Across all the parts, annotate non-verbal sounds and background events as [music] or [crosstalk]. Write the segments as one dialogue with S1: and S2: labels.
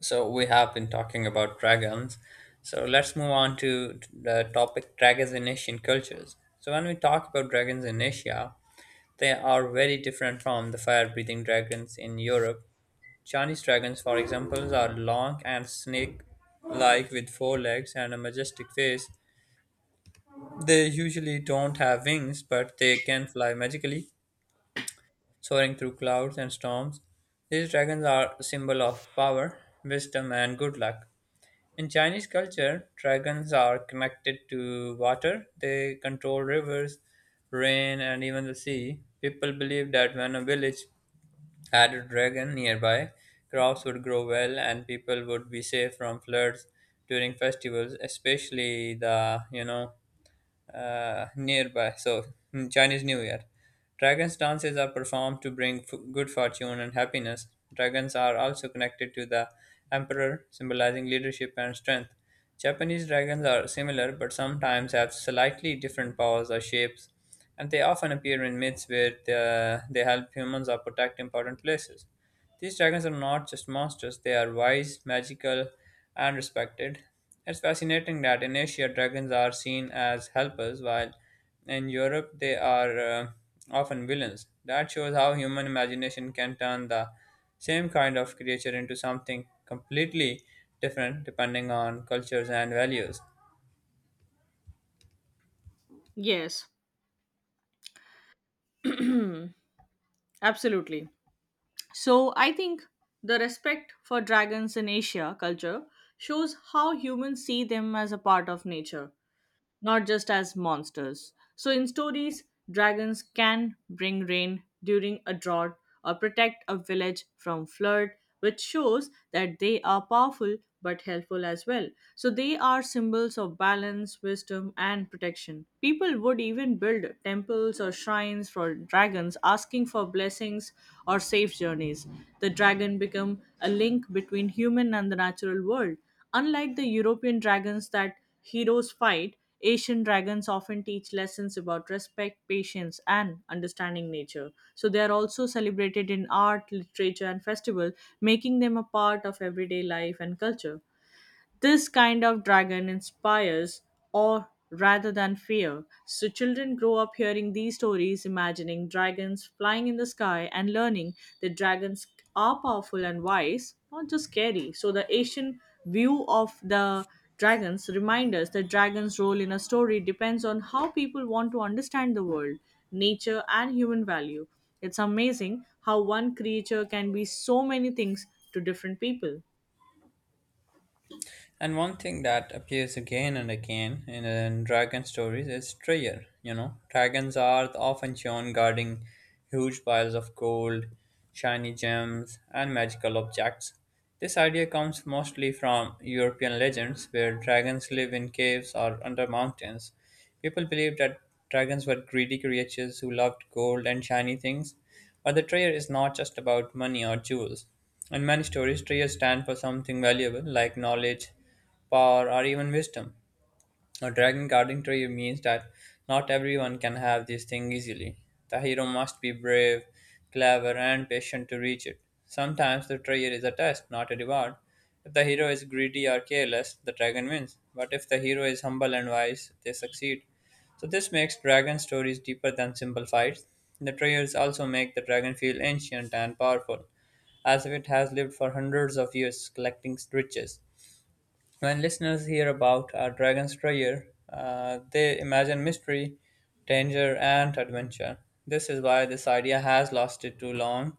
S1: So we have been talking about dragons. So let's move on to the topic dragons in Asian cultures. So when we talk about dragons in Asia, they are very different from the fire-breathing dragons in Europe. Chinese dragons, for example, are long and snake-like with four legs and a majestic face. They usually don't have wings, but they can fly magically, soaring through clouds and storms. These dragons are a symbol of power, wisdom, and good luck. In Chinese culture, dragons are connected to water. They control rivers, rain, and even the sea. People believe that when a village had a dragon nearby, crops would grow well and people would be safe from floods during festivals, especially the nearby. So, Chinese New Year. Dragons' dances are performed to bring good fortune and happiness. Dragons are also connected to the emperor, symbolizing leadership and strength. Japanese dragons are similar but sometimes have slightly different powers or shapes, and they often appear in myths where they help humans or protect important places. These dragons are not just monsters, they are wise, magical, and respected. It's fascinating that in Asia dragons are seen as helpers, while in Europe they are often villains. That shows how human imagination can turn the same kind of creature into something completely different depending on cultures and values.
S2: Yes, absolutely. So I think the respect for dragons in Asia culture shows how humans see them as a part of nature, not just as monsters. So, in stories, dragons can bring rain during a drought or protect a village from flood, which shows that they are powerful but helpful as well. So, they are symbols of balance, wisdom, and protection. People would even build temples or shrines for dragons, asking for blessings or safe journeys. The dragon become a link between human and the natural world. Unlike the European dragons that heroes fight, Asian dragons often teach lessons about respect, patience, and understanding nature. So they are also celebrated in art, literature, and festival, making them a part of everyday life and culture. This kind of dragon inspires awe rather than fear. So children grow up hearing these stories, imagining dragons flying in the sky and learning that dragons are powerful and wise, not just scary. So the Asian view of the dragons remind us that dragons' role in a story depends on how people want to understand the world, nature, and human value. It's amazing how one creature can be so many things to different people.
S1: And one thing that appears again and again in dragon stories is Treyer. You know, dragons are often shown guarding huge piles of gold, shiny gems, and magical objects. This idea comes mostly from European legends where dragons live in caves or under mountains. People believed that dragons were greedy creatures who loved gold and shiny things, but the treasure is not just about money or jewels. In many stories, treasures stand for something valuable like knowledge, power, or even wisdom. A dragon guarding carpentry means that not everyone can have this thing easily. The hero must be brave, clever, and patient to reach it. Sometimes the treasure is a test, not a reward. If the hero is greedy or careless, the dragon wins. But if the hero is humble and wise, they succeed. So this makes dragon stories deeper than simple fights. The treasures also make the dragon feel ancient and powerful, as if it has lived for hundreds of years collecting riches. When listeners hear about a dragon's treasure, they imagine mystery, danger, and adventure. This is why this idea has lasted too long,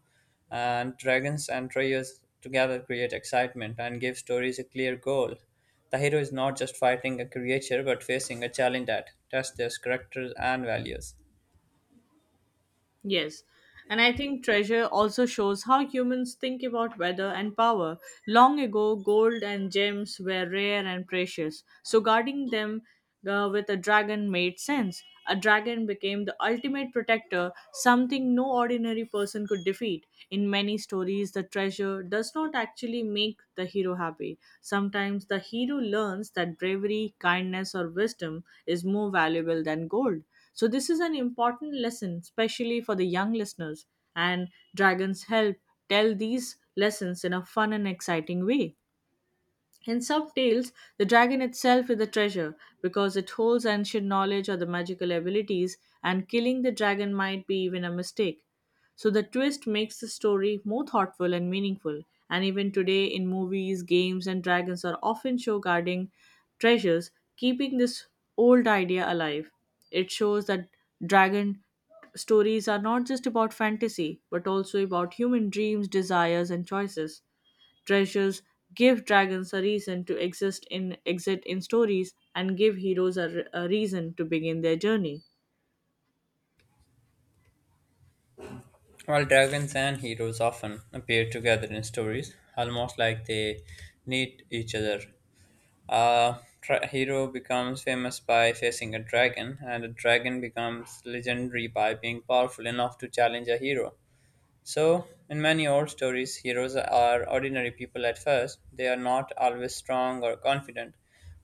S1: and dragons and treasures together create excitement and give stories a clear goal. The hero is not just fighting a creature but facing a challenge that tests their characters and values.
S2: Yes. And I think treasure also shows how humans think about weather and power. Long ago, gold and gems were rare and precious, so guarding them with a dragon made sense. A dragon became the ultimate protector, something no ordinary person could defeat. In many stories, the treasure does not actually make the hero happy. Sometimes the hero learns that bravery, kindness, or wisdom is more valuable than gold. So, this is an important lesson, especially for the young listeners, and dragons help tell these lessons in a fun and exciting way. In some tales, the dragon itself is a treasure because it holds ancient knowledge or the magical abilities, and killing the dragon might be even a mistake. So the twist makes the story more thoughtful and meaningful. And even today, in movies, games, and dragons are often show guarding treasures, keeping this old idea alive. It shows that dragon stories are not just about fantasy, but also about human dreams, desires, and choices treasures give dragons a reason to exist in stories and give heroes a, a reason to begin their journey.
S1: While dragons and heroes often appear together in stories, almost like they need each other, A hero becomes famous by facing a dragon, and a dragon becomes legendary by being powerful enough to challenge a hero. So, in many old stories, heroes are ordinary people at first. They are not always strong or confident,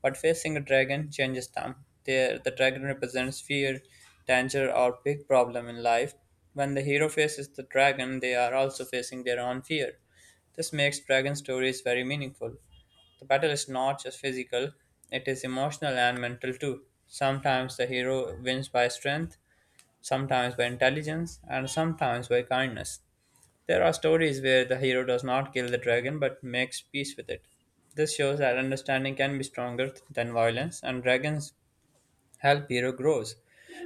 S1: but facing a dragon changes them. There, the dragon represents fear, danger, or big problem in life. When the hero faces the dragon, they are also facing their own fear. This makes dragon stories very meaningful. The battle is not just physical, it is emotional and mental too. Sometimes the hero wins by strength, sometimes by intelligence, and sometimes by kindness. There are stories where the hero does not kill the dragon but makes peace with it. This shows that understanding can be stronger than violence, and dragons help hero grows.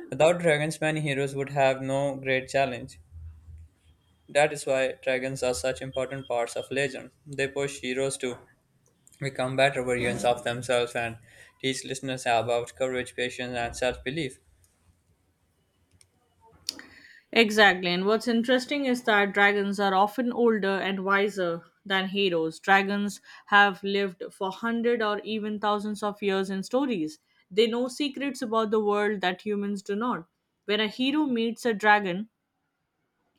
S1: Without dragons, many heroes would have no great challenge. That is why dragons are such important parts of legend. They push heroes to become better versions of themselves and teach listeners about courage, patience, and self belief.
S2: Exactly, and what's interesting is that dragons are often older and wiser than heroes. Dragons have lived for hundred or even thousands of years in stories. They know secrets about the world that humans do not. When a hero meets a dragon,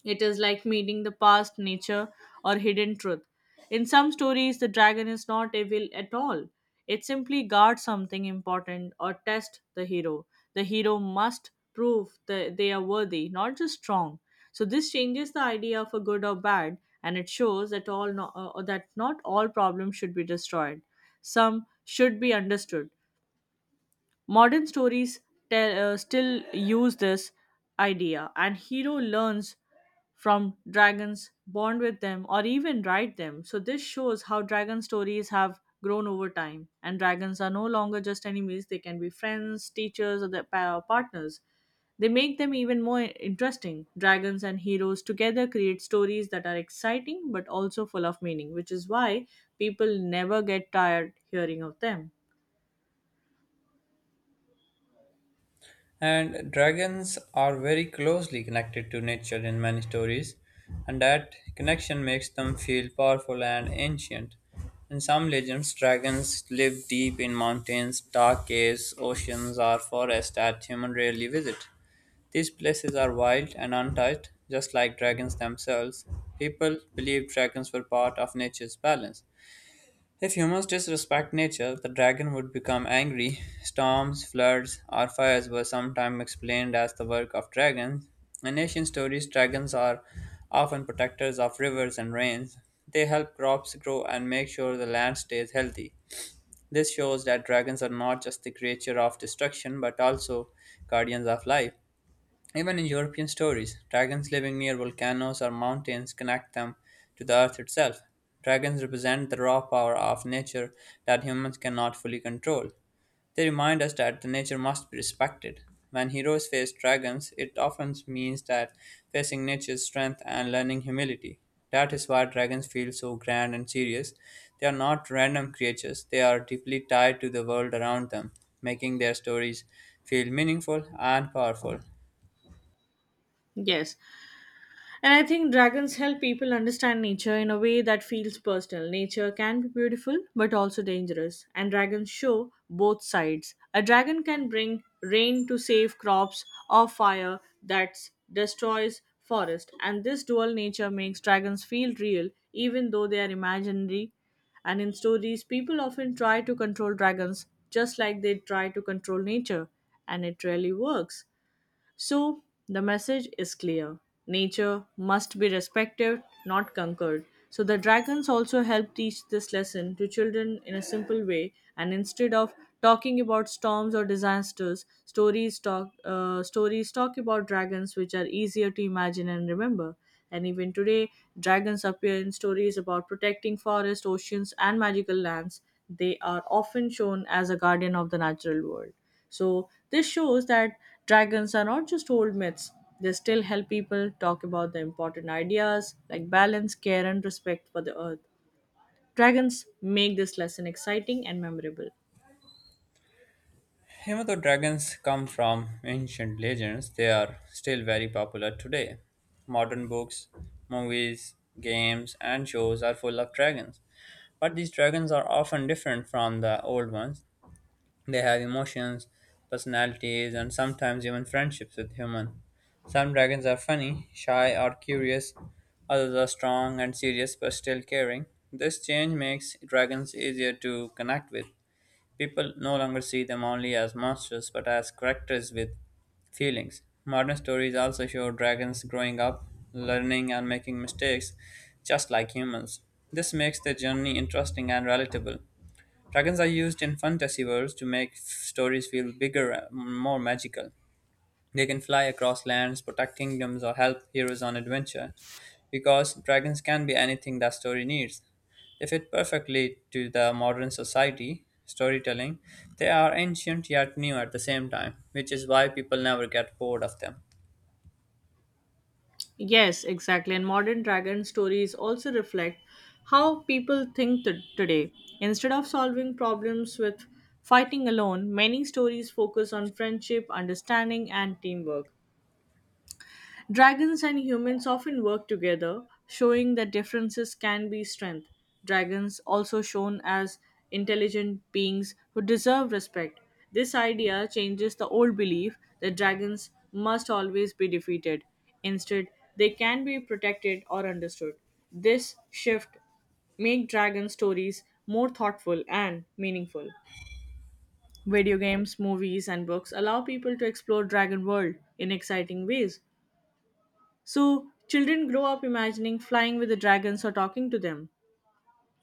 S2: it is like meeting the past, nature, or hidden truth. In some stories, the dragon is not evil at all. It simply guards something important or tests the hero. The hero must prove that they are worthy, not just strong. So this changes the idea of a good or bad, and it shows that all no- that not all problems should be destroyed. Some should be understood. Modern stories still use this idea, and hero learns from dragons, bond with them, or even ride them. So, this shows how dragon stories have grown over time, and dragons are no longer just enemies, they can be friends, teachers, or their partners. They make them even more interesting. Dragons and heroes together create stories that are exciting but also full of meaning, which is why people never get tired hearing of them.
S1: And dragons are very closely connected to nature in many stories, and that connection makes them feel powerful and ancient. In some legends, dragons live deep in mountains, dark caves, oceans, or forests that humans rarely visit. These places are wild and untouched, just like dragons themselves. People believe dragons were part of nature's balance, if humans disrespect nature, the dragon would become angry. Storms, floods, or fires were sometimes explained as the work of dragons. In ancient stories, dragons are often protectors of rivers and rains. They help crops grow and make sure the land stays healthy. This shows that dragons are not just the creature of destruction but also guardians of life. Even in European stories, dragons living near volcanoes or mountains connect them to the earth itself. Dragons represent the raw power of nature that humans cannot fully control. They remind us that the nature must be respected. When heroes face dragons, it often means that facing nature's strength and learning humility. That is why dragons feel so grand and serious. They are not random creatures, they are deeply tied to the world around them, making their stories feel meaningful and powerful.
S2: Yes, and I think dragons help people understand nature in a way that feels personal. Nature can be beautiful but also dangerous, and dragons show both sides. A dragon can bring rain to save crops or fire that destroys forest, and this dual nature makes dragons feel real even though they are imaginary. And in stories, people often try to control dragons just like they try to control nature, and it rarely works. So the message is clear: nature must be respected, not conquered. So the dragons also help teach this lesson to children in a simple way, and instead of talking about storms or disasters, stories talk about dragons, which are easier to imagine and remember. And even today, dragons appear in stories about protecting forests, oceans, and magical lands. They are often shown as a guardian of the natural world. So, this shows that dragons are not just old myths, they still help people talk about the important ideas like balance, care, and respect for the earth. Dragons make this lesson exciting and memorable.
S1: Even though dragons come from ancient legends, they are still very popular today. Modern books, movies, games, and shows are full of dragons. But these dragons are often different from the old ones. They have emotions, personalities, and sometimes even friendships with humans. Some dragons are funny, shy, or curious. Others are strong and serious but still caring. This change makes dragons easier to connect with. People no longer see them only as monsters but as characters with feelings. Modern stories also show dragons growing up, learning, and making mistakes just like humans. This makes their journey interesting and relatable. Dragons are used in fantasy worlds to make stories feel bigger and more magical. They can fly across lands, protect kingdoms, or help heroes on adventure. Because dragons can be anything that story needs. They fit perfectly to the modern society storytelling. They are ancient yet new at the same time, which is why people never get bored of them.
S2: Yes, exactly. And modern dragon stories also reflect how people think today. Instead of solving problems with fighting alone, many stories focus on friendship, understanding, and teamwork. Dragons and humans often work together, showing that differences can be strength. Dragons also shown as intelligent beings who deserve respect. This idea changes the old belief that dragons must always be defeated. Instead, they can be protected or understood. This shift make dragon stories more thoughtful and meaningful. Video games, movies, and books allow people to explore Dragon World in exciting ways. So children grow up imagining flying with the dragons or talking to them.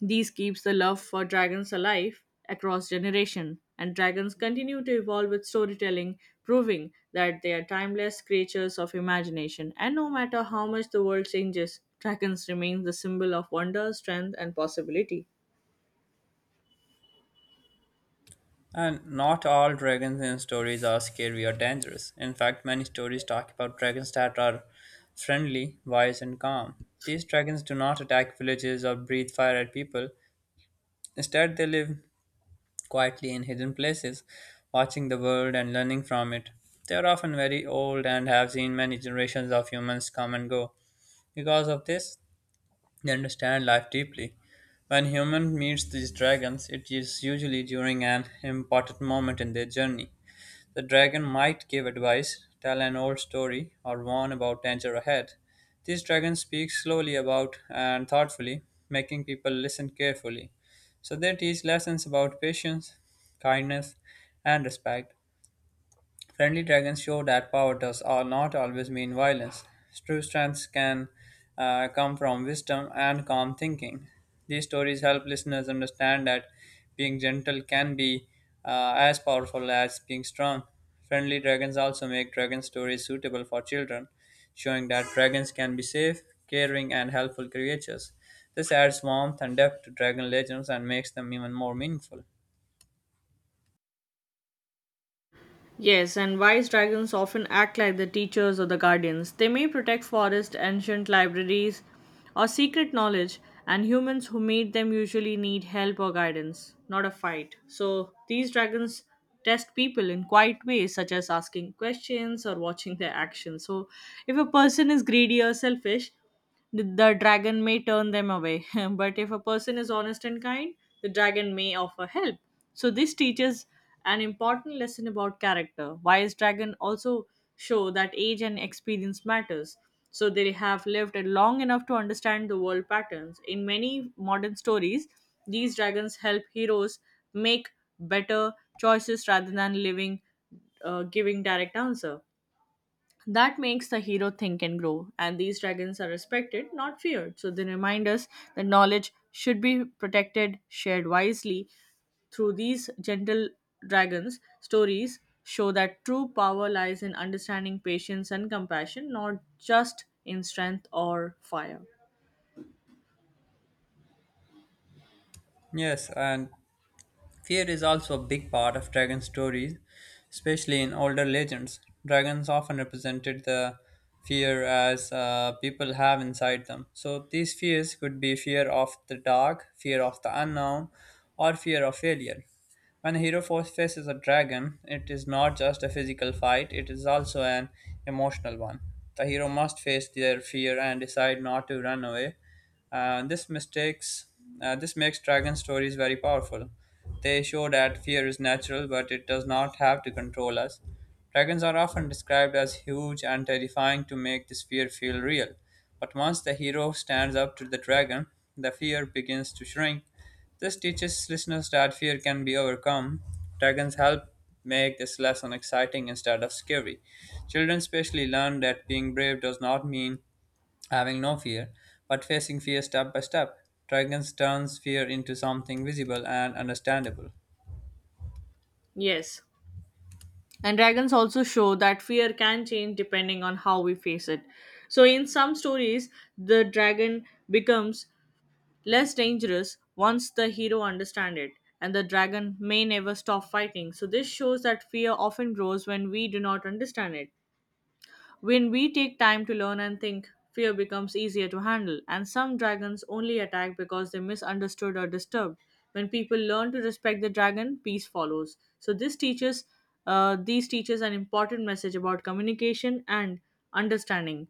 S2: These keeps the love for dragons alive across generation, and dragons continue to evolve with storytelling, proving that they are timeless creatures of imagination, and no matter how much the world changes, dragons remain the symbol of wonder, strength, and possibility.
S1: And not all dragons in stories are scary or dangerous. In fact, many stories talk about dragons that are friendly, wise, and calm. These dragons do not attack villages or breathe fire at people. Instead, they live quietly in hidden places, watching the world and learning from it. They are often very old and have seen many generations of humans come and go. Because of this, they understand life deeply. When human meets these dragons, it is usually during an important moment in their journey. The dragon might give advice, tell an old story, or warn about danger ahead. These dragons speak slowly about and thoughtfully, making people listen carefully. So they teach lessons about patience, kindness, and respect. Friendly dragons show that power does not always mean violence. True strength can come from wisdom and calm thinking. These stories help listeners understand that being gentle can be as powerful as being strong. Friendly dragons also make dragon stories suitable for children, showing that dragons can be safe, caring, and helpful creatures. This adds warmth and depth to dragon legends and makes them even more meaningful.
S2: Yes, and wise dragons often act like the teachers or the guardians. They may protect forests, ancient libraries, or secret knowledge, and humans who meet them usually need help or guidance, not a fight. So these dragons test people in quiet ways, such as asking questions or watching their actions. So if a person is greedy or selfish, the dragon may turn them away, [laughs] but if a person is honest and kind, the dragon may offer help. So this teaches an important lesson about character. Wise dragon also show that age and experience matters. So they have lived long enough to understand the world patterns. In many modern stories, these dragons help heroes make better choices rather than living giving direct answer that makes the hero think and grow, and these dragons are respected, not feared. So they remind us that knowledge should be protected, shared wisely. Through these gentle dragons, stories show that true power lies in understanding patience and compassion, not just in strength or fire.
S1: Yes, and fear is also a big part of dragon stories, especially in older legends. Dragons often represented the fear as people have inside them. So these fears could be fear of the dark, fear of the unknown, or fear of failure. When a hero first faces a dragon, it is not just a physical fight, it is also an emotional one. The hero must face their fear and decide not to run away. Uh, this mistakes this makes dragon stories very powerful. They show that fear is natural, but it does not have to control us. Dragons are often described as huge and terrifying to make this fear feel real. But once the hero stands up to the dragon, the fear begins to shrink. This teaches listeners that fear can be overcome. Dragons help make this lesson exciting instead of scary. Children especially learn that being brave does not mean having no fear, but facing fear step by step. Dragons turns fear into something visible and understandable.
S2: Yes. And dragons also show that fear can change depending on how we face it. So, in some stories, the dragon becomes less dangerous once the hero understands it, and the dragon may never stop fighting. So, this shows that fear often grows when we do not understand it. When we take time to learn and think, fear becomes easier to handle, and some dragons only attack because they misunderstood or disturbed. When people learn to respect the dragon, peace follows. So, this teaches these teaches an important message about communication and understanding.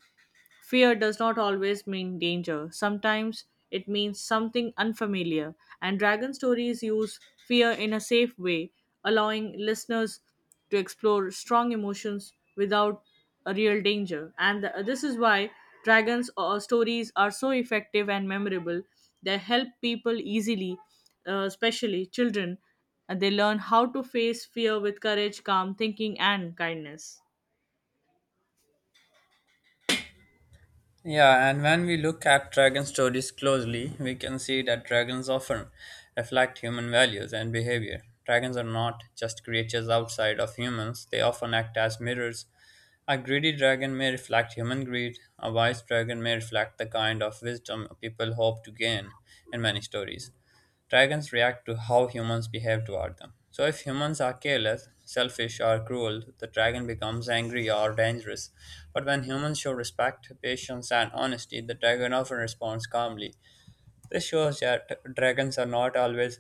S2: Fear does not always mean danger. Sometimes it means something unfamiliar, and Dragon Stories use fear in a safe way, allowing listeners to explore strong emotions without a real danger. And this is why Dragon's stories are so effective and memorable. They help people easily, especially children, and they learn how to face fear with courage, calm thinking, and kindness.
S1: Yeah, and when we look at dragon stories closely, we can see that dragons often reflect human values and behavior. Dragons are not just creatures outside of humans, they often act as mirrors. A greedy dragon may reflect human greed. A wise dragon may reflect the kind of wisdom people hope to gain in many stories. Dragons react to how humans behave toward them. So, if humans are careless, selfish, or cruel, the dragon becomes angry or dangerous. But when humans show respect, patience, and honesty, the dragon often responds calmly. This shows that dragons are not always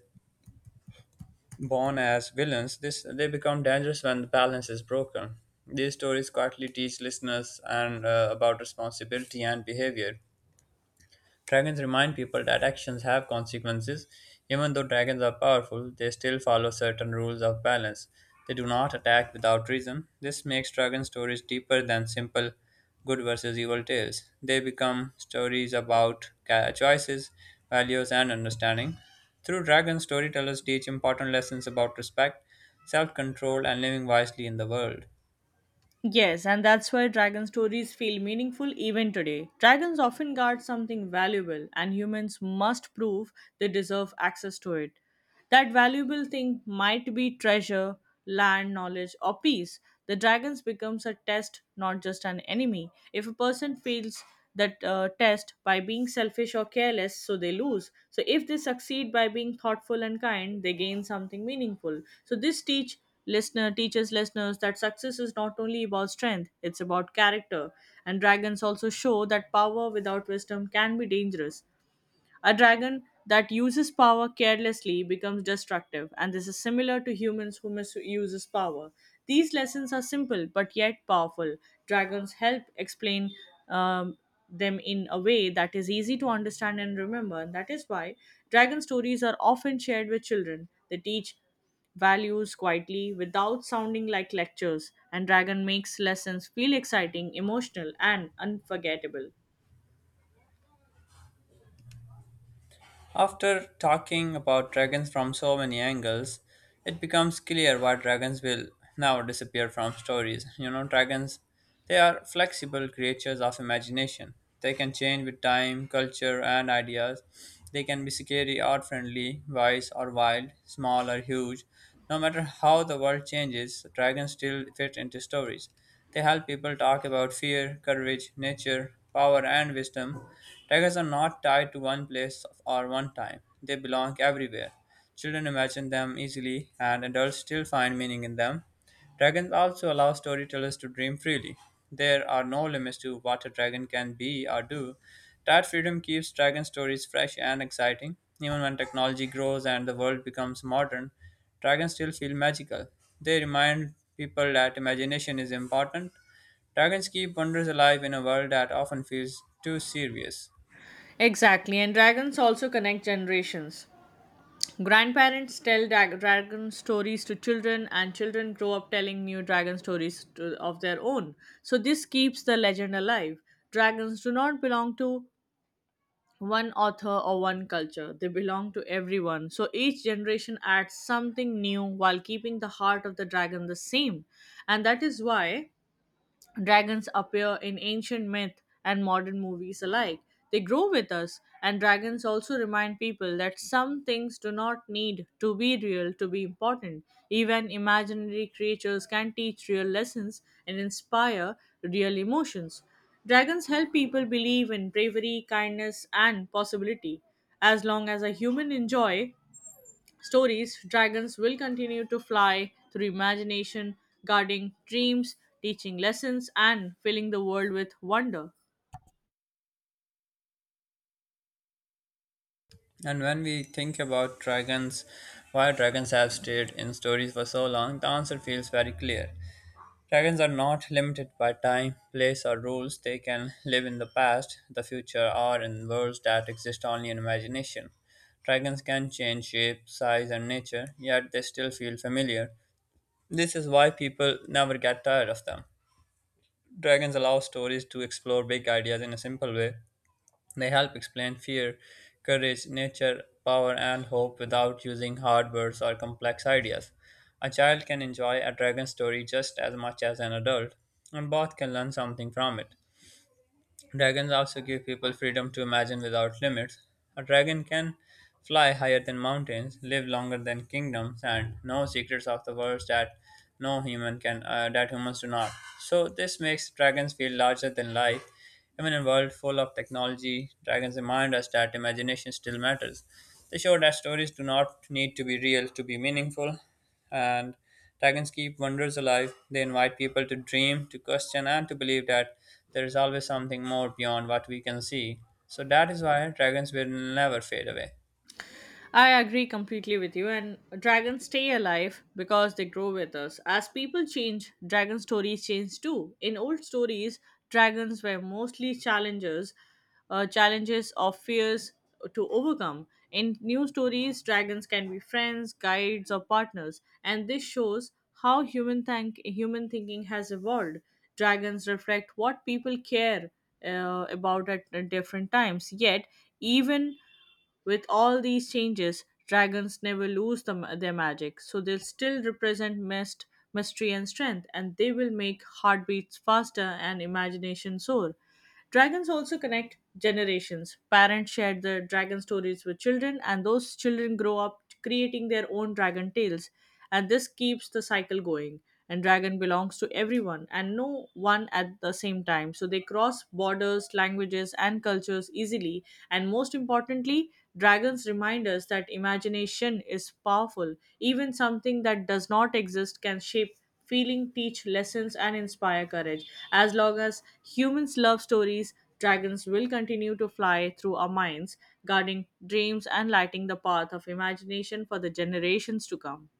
S1: born as villains, this they become dangerous when the balance is broken. These stories quietly teach listeners and about responsibility and behavior. Dragons remind people that actions have consequences. Even though dragons are powerful, they still follow certain rules of balance. They do not attack without reason. This makes dragon stories deeper than simple good versus evil tales. They become stories about choices, values, and understanding. Through dragons, storytellers teach important lessons about respect, self control, and living wisely in the world.
S2: Yes, and that's why dragon stories feel meaningful even today. Dragons often guard something valuable, and humans must prove they deserve access to it. That valuable thing might be treasure, land, knowledge, or peace. The dragons becomes a test, not just an enemy. If a person fails that test by being selfish or careless, so they lose. So if they succeed by being thoughtful and kind, they gain something meaningful. So this teaches listeners that success is not only about strength, it's about character. And dragons also show that power without wisdom can be dangerous. A dragon that uses power carelessly becomes destructive, and this is similar to humans who misuse power. These lessons are simple but yet powerful. Dragons help explain um, them in a way that is easy to understand and remember, and that is why dragon stories are often shared with children. They teach values quietly without sounding like lectures, and Dragon makes lessons feel exciting, emotional, and unforgettable.
S1: After talking about dragons from so many angles, it becomes clear why dragons will now disappear from stories. You know, dragons, they are flexible creatures of imagination. They can change with time, culture, and ideas. They can be scary or friendly, wise or wild, small or huge. No matter how the world changes, dragons still fit into stories. They help people talk about fear, courage, nature, power, and wisdom. Tigers are not tied to one place or one time, they belong everywhere. Children imagine them easily, and adults still find meaning in them. Dragons also allow storytellers to dream freely. There are no limits to what a dragon can be or do. That freedom keeps dragon stories fresh and exciting. Even when technology grows and the world becomes modern, dragons still feel magical. They remind people that imagination is important. Dragons keep wonders alive in a world that often feels too serious.
S2: Exactly, and dragons also connect generations. Grandparents tell dragon stories to children, and children grow up telling new dragon stories to, of their own. So, this keeps the legend alive. Dragons do not belong to one author or one culture, they belong to everyone. So, each generation adds something new while keeping the heart of the dragon the same. And that is why dragons appear in ancient myth and modern movies alike. They grow with us, and dragons also remind people that some things do not need to be real to be important. Even imaginary creatures can teach real lessons and inspire real emotions. Dragons help people believe in bravery, kindness, and possibility. As long as a human enjoy stories, dragons will continue to fly through imagination, guarding dreams, teaching lessons, and filling the world with wonder.
S1: And when we think about dragons, why dragons have stayed in stories for so long, the answer feels very clear. Dragons are not limited by time, place, or rules. They can live in the past, the future, or in worlds that exist only in imagination. Dragons can change shape, size, and nature, yet they still feel familiar. This is why people never get tired of them. Dragons allow stories to explore big ideas in a simple way. They help explain fear, courage, nature, power, and hope without using hard words or complex ideas. A child can enjoy a dragon story just as much as an adult, and both can learn something from it. Dragons also give people freedom to imagine without limits. A dragon can fly higher than mountains, live longer than kingdoms, and know secrets of the world that no human can that humans do not. So this makes dragons feel larger than life even in a world full of technology, dragons remind us that imagination still matters. They show that stories do not need to be real to be meaningful, and dragons keep wonders alive. They invite people to dream, to question, and to believe that there is always something more beyond what we can see. So that is why dragons will never fade away.
S2: I agree completely with you, and dragons stay alive because they grow with us. As people change, dragon stories change too. In old stories, dragons were mostly challenges, challenges of fears to overcome. In new stories, dragons can be friends, guides, or partners, and this shows how human thinking has evolved. Dragons reflect what people care about at different times. Yet, even with all these changes, dragons never lose their magic, so they'll still represent mystery, and strength, and they will make heartbeats faster and imagination soar. Dragons also connect generations. Parents share their dragon stories with children, and those children grow up creating their own dragon tales, and this keeps the cycle going. And dragon belongs to everyone and no one at the same time, so they cross borders, languages, and cultures easily, and most importantly, dragons remind us that imagination is powerful. Even something that does not exist can shape feeling, teach lessons, and inspire courage. As long as humans love stories, dragons will continue to fly through our minds, guarding dreams and lighting the path of imagination for the generations to come.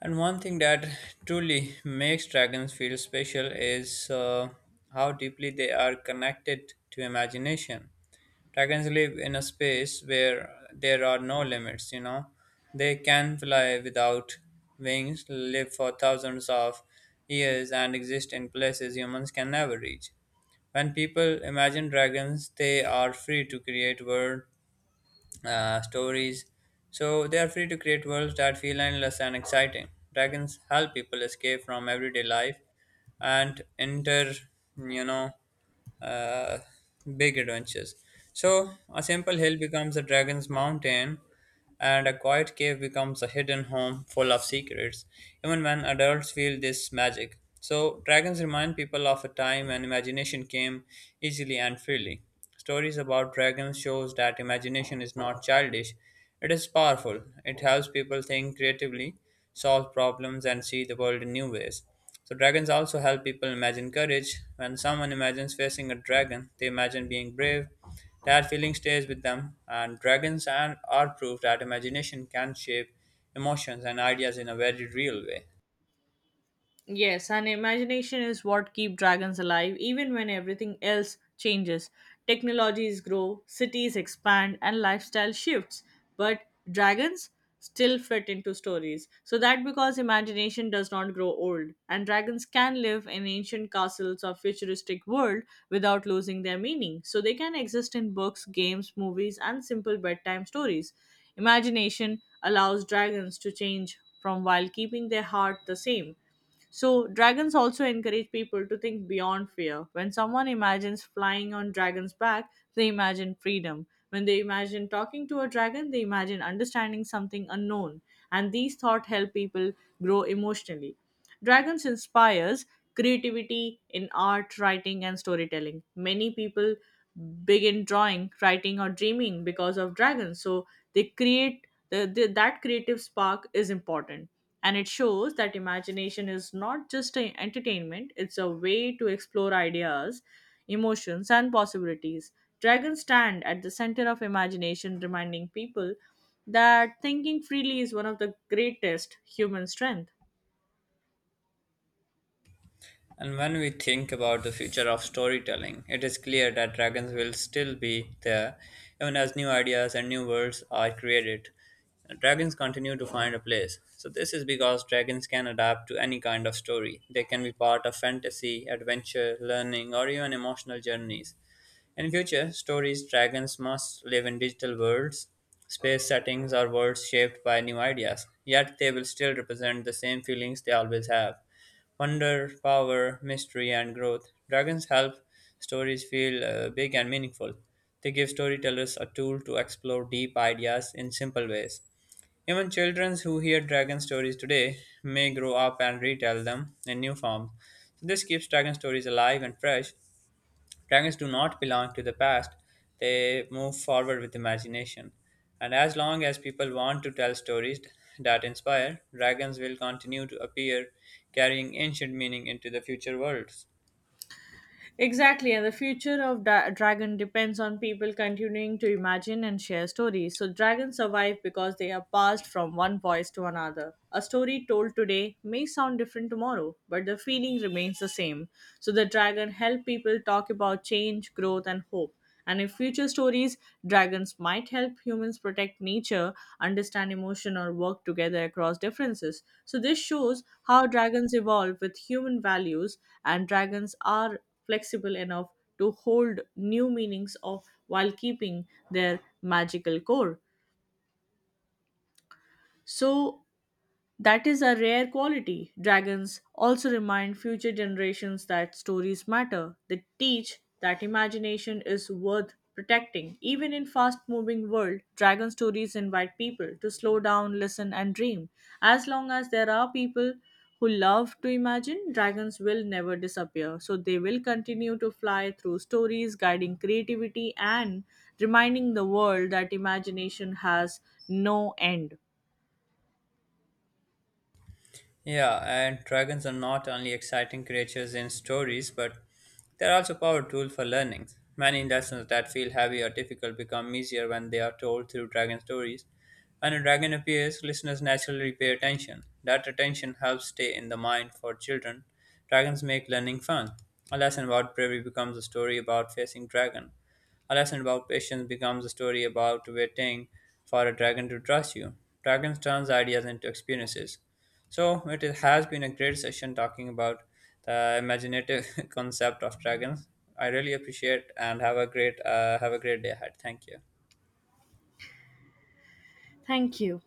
S1: And one thing that truly makes dragons feel special is how deeply they are connected to imagination. Dragons live in a space where there are no limits, you know. They can fly without wings, live for thousands of years, and exist in places humans can never reach. When people imagine dragons, they are free to create world stories. So they are free to create worlds that feel endless and exciting. Dragons help people escape from everyday life and enter you know uh, big adventures. So a simple hill becomes a dragon's mountain, and a quiet cave becomes a hidden home full of secrets. Even when adults feel this magic, so dragons remind people of a time when imagination came easily and freely. Stories about dragons shows that imagination is not childish; it is powerful. It helps people think creatively, solve problems, and see the world in new ways. So dragons also help people imagine courage. When someone imagines facing a dragon, they imagine being brave. That feeling stays with them, and dragons and are proof that imagination can shape emotions and ideas in a very real way.
S2: Yes, and imagination is what keep dragons alive even when everything else changes. Technologies grow, cities expand and lifestyle shifts, but dragons still fit into stories. So that because imagination does not grow old and dragons can live in ancient castles or futuristic world without losing their meaning. So they can exist in books, games, movies and simple bedtime stories. Imagination allows dragons to change from while keeping their heart the same. So, dragons also encourage people to think beyond fear. When someone imagines flying on dragon's back, they imagine freedom. When they imagine talking to a dragon, they imagine understanding something unknown. And these thoughts help people grow emotionally. Dragons inspires creativity in art, writing, and storytelling. Many people begin drawing, writing, or dreaming because of dragons. So they create that creative spark is important and it shows that imagination is not just an entertainment, it's a way to explore ideas, emotions and possibilities. Dragons stand at the center of imagination, reminding people that thinking freely is one of the greatest human strength.
S1: And when we think about the future of storytelling, it is clear that dragons will still be there, even as new ideas and new worlds are created. Dragons continue to find a place. So, this is because dragons can adapt to any kind of story. They can be part of fantasy, adventure, learning, or even emotional journeys. In future stories, dragons must live in digital worlds, space settings, or worlds shaped by new ideas, yet they will still represent the same feelings they always have wonder, power, mystery, and growth. Dragons help stories feel big and meaningful. They give storytellers a tool to explore deep ideas in simple ways. Even children who hear dragon stories today may grow up and retell them in new forms. So this keeps dragon stories alive and fresh. Dragons do not belong to the past, they move forward with imagination. And as long as people want to tell stories that inspire, dragons will continue to appear, carrying ancient meaning into the future worlds.
S2: Exactly, and the future of dragon depends on people continuing to imagine and share stories. So, dragons survive because they are passed from one voice to another. A story told today may sound different tomorrow, but the feeling remains the same. So, the dragon help people talk about change, growth, and hope. And in future stories, dragons might help humans protect nature, understand emotion, or work together across differences. So, this shows how dragons evolve with human values, and dragons are flexible enough to hold new meanings of while keeping their magical core. So, that is a rare quality. Dragons also remind future generations that stories matter. They teach that imagination is worth protecting. Even in fast-moving world, dragon stories invite people to slow down, listen and dream. As long as there are people who love to imagine, dragons will never disappear. So they will continue to fly through stories, guiding creativity and reminding the world that imagination has no end.
S1: Yeah, and dragons are not only exciting creatures in stories, but they're also powerful tool for learning. Many lessons that feel heavy or difficult become easier when they are told through dragon stories. When a dragon appears, listeners naturally pay attention. That attention helps stay in the mind for children. Dragons make learning fun. A lesson about bravery becomes a story about facing dragon. A lesson about patience becomes a story about waiting for a dragon to trust you. Dragons turns ideas into experiences. So has been a great session talking about the imaginative [laughs] concept of dragons. I really appreciate and have a great day ahead. Thank you.
S2: Thank you.